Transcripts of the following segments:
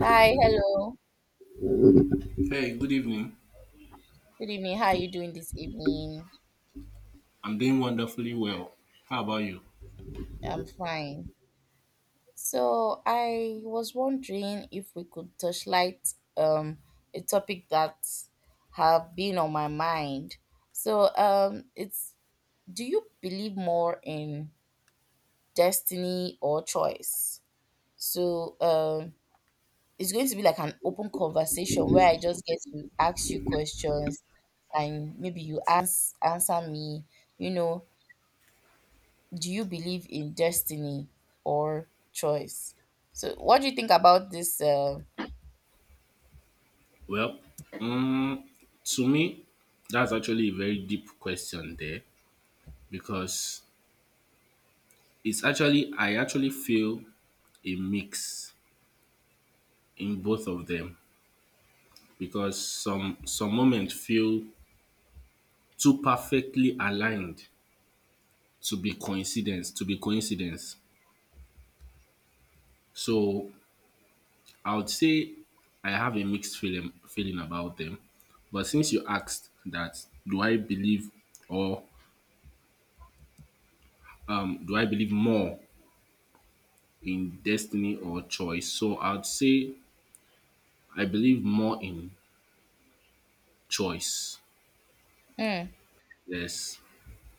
Hi, hello. Hey, good evening. Good evening. How are you doing this evening? I'm doing wonderfully well. How about you? I'm fine. So I was wondering if we could touchlight a topic that have been on my mind. So it's do you believe more in destiny or choice? So, it's going to be like an open conversation where I just get to ask you questions and maybe you answer me, you know do you believe in destiny or choice? So, what do you think about this? Well, um, to me, that's actually a very deep question there because I actually feel a mix in both of them because some moments feel too perfectly aligned to be coincidence, so I would say I have a mixed feeling about them. But since you asked that, or do I believe more in destiny or choice? So I would say I believe more in choice. mm. Yes,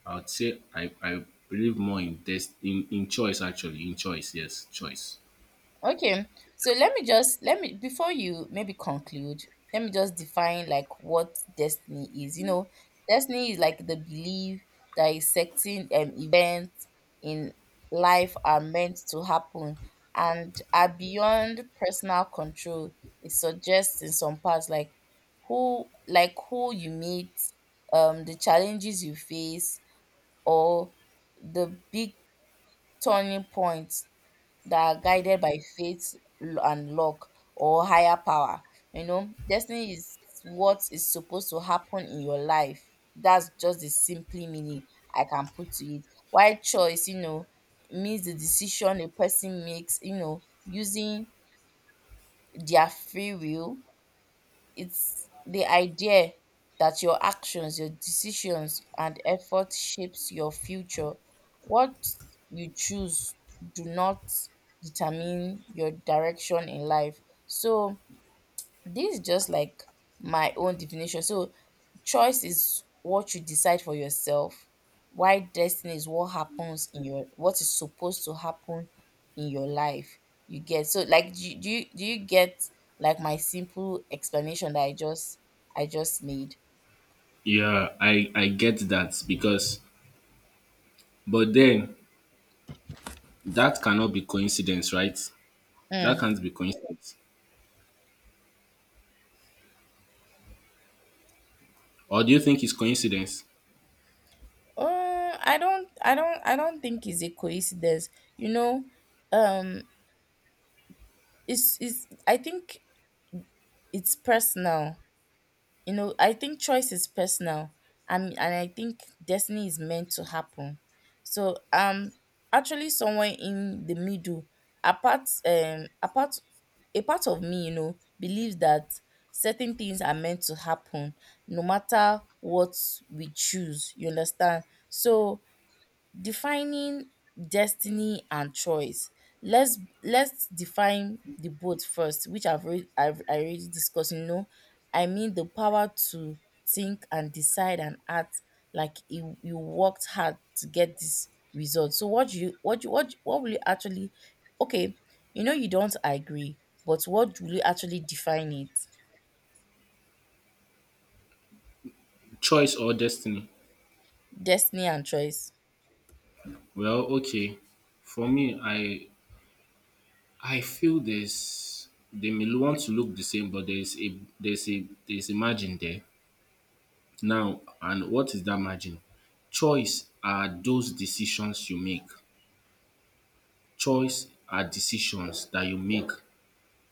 I would say I believe more in choice, actually in choice. Yes, choice. Okay, so let me, before you maybe conclude, let me just define like what destiny is. You know, destiny is like the belief that a certain events in life are meant to happen and are beyond personal control. It suggests in some parts like who you meet, the challenges you face, or the big turning points that are guided by faith and luck or higher power. You know, destiny is what is supposed to happen in your life. That's just the simply meaning I can put to it. Why choice, you know, means the decision a person makes, you know, using their free will. It's the idea that your actions, your decisions, and effort shapes your future. What you choose do not determine your direction in life. So this is just like my own definition. So, choice is what you decide for yourself, while destiny is what happens in your, what is supposed to happen in your life. You get so like do you get like my simple explanation that I just made? Yeah, I get that because but then that cannot be coincidence, right? That Mm. can't be coincidence. Or do you think it's coincidence? I don't think it's a coincidence. You know, um, it's, I think it's personal. You know, I think choice is personal, and I think destiny is meant to happen. So actually somewhere in the middle, apart apart a part of me, you know, believes that certain things are meant to happen no matter what we choose. You understand? So defining destiny and choice. Let's define the both first, which I already discussed. You know, I mean the power to think and decide and act like you worked hard to get this result. So what do you what will you actually, okay, you know you don't agree, but what will you actually define it? Choice or destiny? Destiny and choice. Well, okay. For me, I feel there's they may want to look the same, but there's a margin there. Now, and what is that margin? Choice are those decisions you make. Choice are decisions that you make.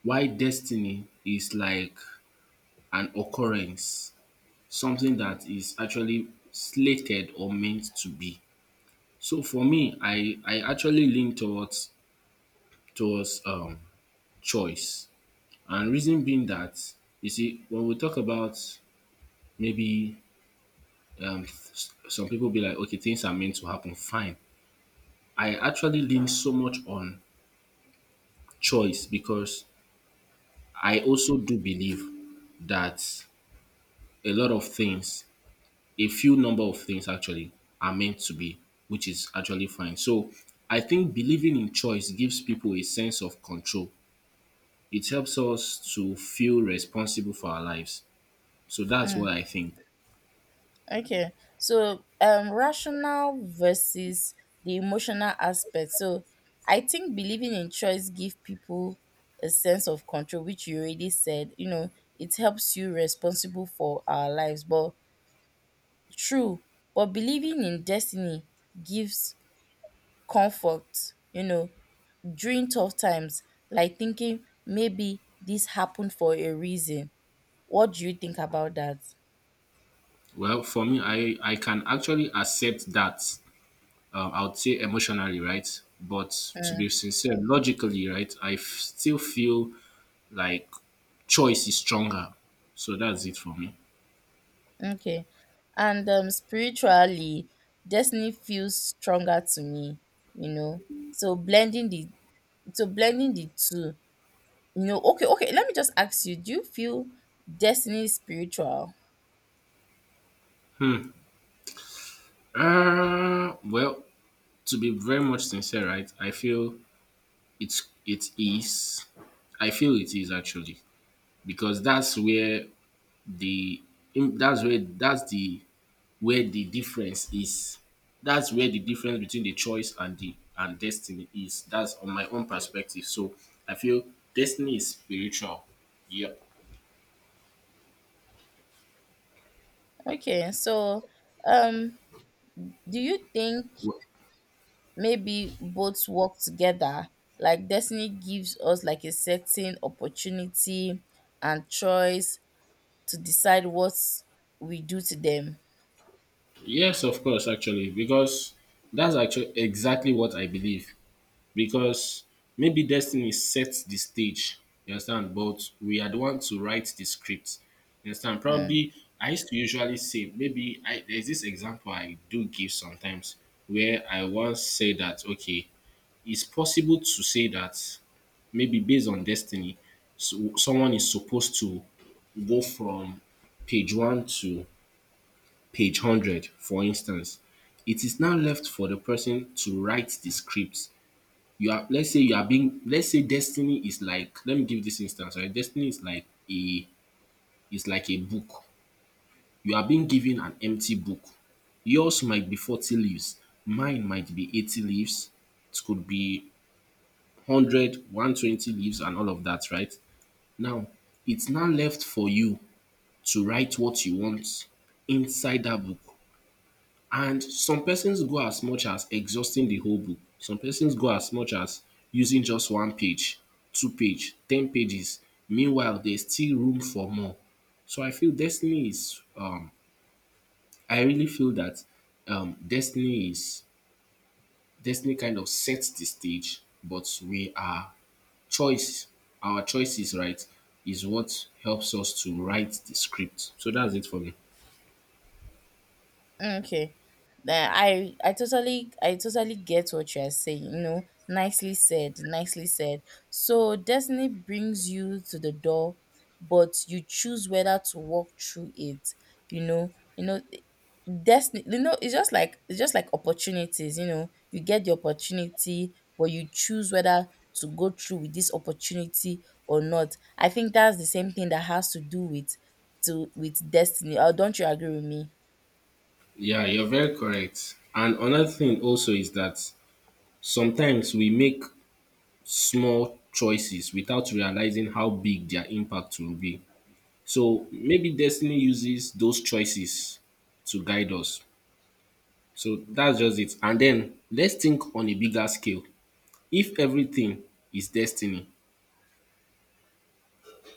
Why destiny is like an occurrence, something that is actually slated or meant to be. So for me, I actually lean towards towards um choice. And reason being that, you see, when we talk about maybe some people be like, okay, things are meant to happen, fine. I actually lean so much on choice because I also do believe that a lot of things, a few number of things actually, are meant to be, which is actually fine. So I think believing in choice gives people a sense of control. It helps us to feel responsible for our lives. So that's Hmm. what I think. Okay, so rational versus the emotional aspect. So I think believing in choice give people a sense of control, which you already said. You know, it helps you responsible for our lives. But true, but believing in destiny gives comfort. You know, during tough times, like thinking maybe this happened for a reason. What do you think about that? Well, for me, I can actually accept that. I would say emotionally, right? But to be Mm. sincere, logically, right? I still feel like choice is stronger. So that's it for me. Okay. And spiritually, destiny feels stronger to me, you know. So blending the two, you know, okay, okay, let me just ask you, do you feel destiny is spiritual? Well, to be very much sincere, right? I feel it is. I feel it is actually because that's where the im- that's where that's the where the difference is. That's where the difference between the choice and destiny is. That's on my own perspective. So I feel destiny is spiritual. Yeah. Okay, so um do you think maybe both work together, like destiny gives us like a certain opportunity and choice to decide what we do to them. Yes, of course, actually, because that's actually exactly what I believe. Because maybe destiny sets the stage. You understand? But we are the one to write the script. You understand? Hmm. Probably I used to usually say maybe I there's this example I do give sometimes where I once say that, okay, it's possible to say that maybe based on destiny, so someone is supposed to go from page one to page 100, for instance. It is now left for the person to write the script. You are let's say you are being let's say destiny is like, let me give this instance, right. Destiny is like a a book. You are being given an empty book. Yours might be 40 leaves, mine might be 80 leaves, it could be 100, 120 leaves and all of that, right. Now, it's now left for you to write what you want inside that book. And some persons go as much as exhausting the whole book. Some persons go as much as using just one page, two page, ten pages. Meanwhile, there's still room for more. So I feel Destiny is. I really feel that um, Destiny is Destiny kind of sets the stage, but we are choice. Our choices, right, is what helps us to write the script. So that's it for me. Okay. Then I totally get what you are saying, you know. Nicely said, nicely said. So destiny brings you to the door, but you choose whether to walk through it, you know. You know, destiny, you know, it's just like opportunities, you know. You get the opportunity, but you choose whether to go through with this opportunity or not. I think that's the same thing that has to do with to with destiny. Or don't you agree with me? Yeah, you're very correct. And another thing also is that sometimes we make small choices without realizing how big their impact will be. So maybe destiny uses those choices to guide us. So that's just it. And then let's think on a bigger scale. If everything is destiny,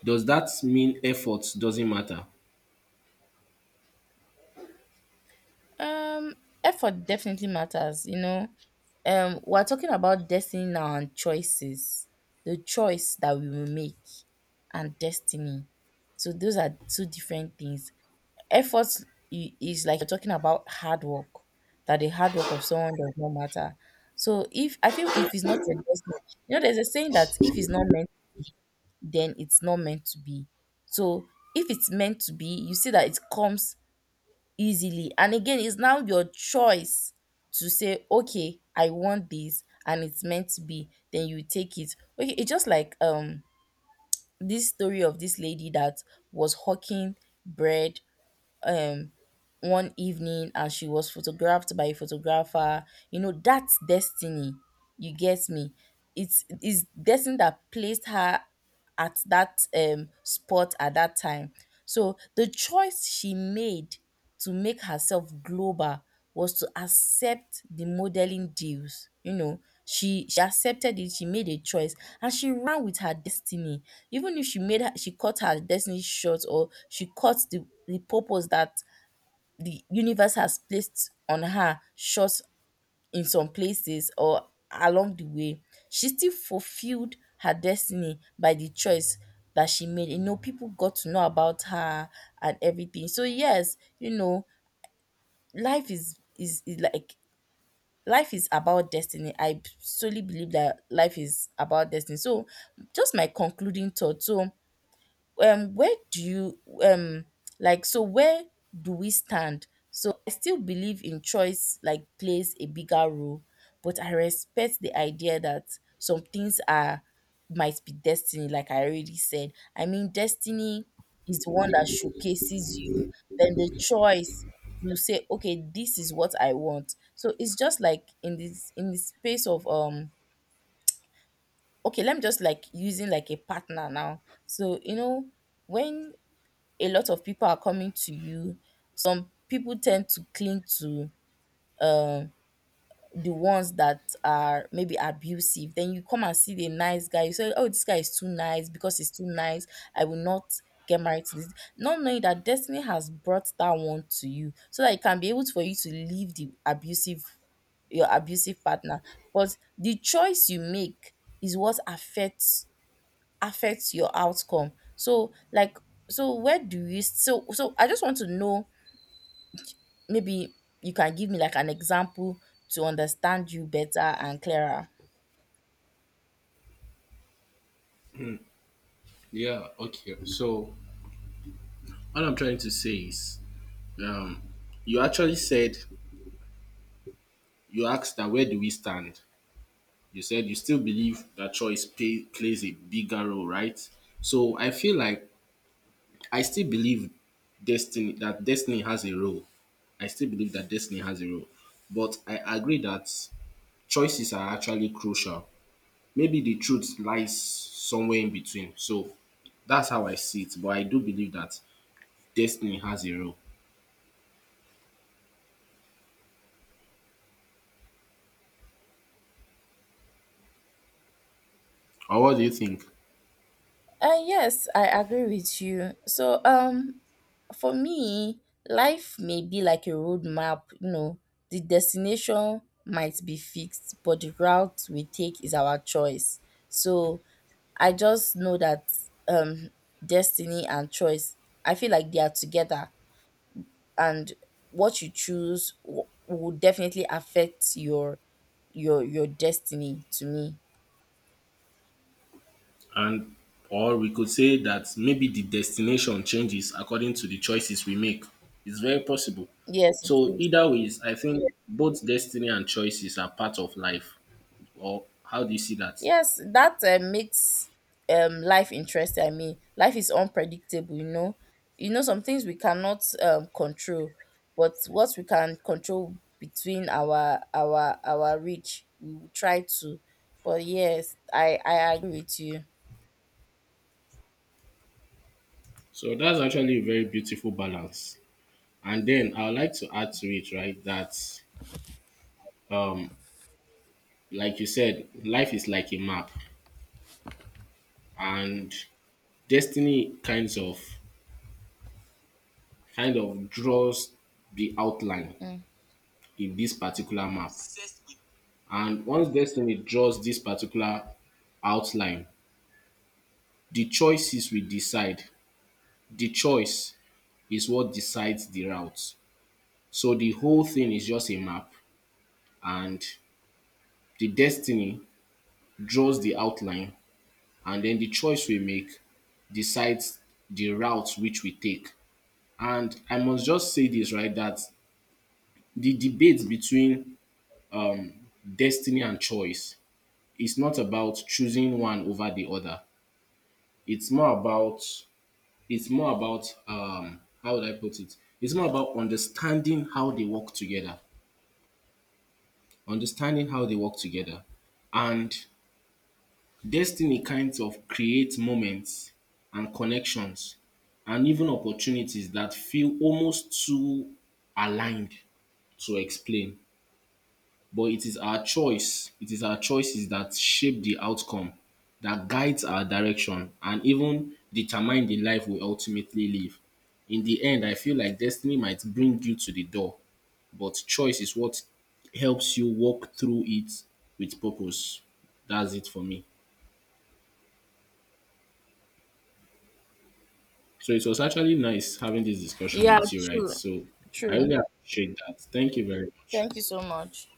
does that mean effort doesn't matter? Um, effort definitely matters. You know, we're talking about destiny now and choices, the choice that we will make, and destiny. So those are two different things. Effort is like you're talking about hard work, that the hard work of someone does not matter. So if I feel if it's not your destiny, you know, there's a saying that if it's not meant, then it's not meant to be. So if it's meant to be, you see that it comes easily, and again it's now your choice to say okay I want this and it's meant to be, then you take it. Okay, it's just like this story of this lady that was hawking bread um one evening, and she was photographed by a photographer. You know, that's destiny. You get me, it's destiny that placed her at that spot at that time. So the choice she made to make herself global was to accept the modeling deals. You know, she accepted it, she made a choice and she ran with her destiny. Even if she cut her destiny short, or she cut the purpose that the universe has placed on her short in some places or along the way, she still fulfilled her destiny by the choice that she made. You know, people got to know about her and everything. So yes, you know, life is like life is about destiny. I solely believe that life is about destiny. So just my concluding thought. So where do you like so where do we stand? So I still believe in choice, like plays a bigger role, but I respect the idea that some things are might be destiny. Like I already said, I mean destiny is the one that showcases you, then the choice to say okay this is what I want. So it's just like in this in the space of okay let me just like using like a partner now. So you know when a lot of people are coming to you. Some people tend to cling to um the ones that are maybe abusive. Then you come and see the nice guy, you say, "Oh, this guy is too nice because he's too nice. I will not get married to this." Not knowing that destiny has brought that one to you so that it can be able for you to leave the abusive, your abusive partner. But the choice you make is what affects your outcome. So like so where do you, so so I just want to know maybe you can give me like an example to understand you better and clearer. Yeah, okay. So what I'm trying to say is um you actually said you asked that, where do we stand? You said you still believe that choice plays a bigger role, right? So I feel like I still believe destiny that destiny has a role. I still believe that destiny has a role, but I agree that choices are actually crucial. Maybe the truth lies somewhere in between. So that's how I see it. But I do believe that destiny has a role. Or what do you think? Yes, I agree with you. So, for me, life may be like a roadmap, you know, the destination might be fixed, but the route we take is our choice. So, I just know that um, destiny and choice, I feel like they are together, and what you choose will definitely affect your destiny to me. And or we could say that maybe the destination changes according to the choices we make. It's very possible. Yes it So is. either ways, I think both destiny and choices are part of life. Or how do you see that? Yes that makes life interesting. I mean life is unpredictable, you know. You know, some things we cannot control, but what we can control between our reach we will try to. But yes, I agree with you. So that's actually a very beautiful balance. And then I would like to add to it, right, that um, like you said, life is like a map, and destiny kind of draws the outline Mm. in this particular map. And once destiny draws this particular outline, the choices we decide, the choice is what decides the route. So the whole thing is just a map, and the destiny draws the outline, and then the choice we make decides the route which we take. And I must just say this, right, that the debate between um, destiny and choice is not about choosing one over the other. It's more about It's more about, how would I put it? It's more about understanding how they work together, understanding how they work together, and destiny kinds of create moments and connections and even opportunities that feel almost too aligned to explain. But it is our choice. It is our choices that shape the outcome, that guides our direction, and even determine the life we ultimately live. In the end, I feel like destiny might bring you to the door, but choice is what helps you walk through it with purpose. That's it for me. So it was actually nice having this discussion Yeah, with you, right? true, So I true. really appreciate that. Thank you very much. Thank you so much.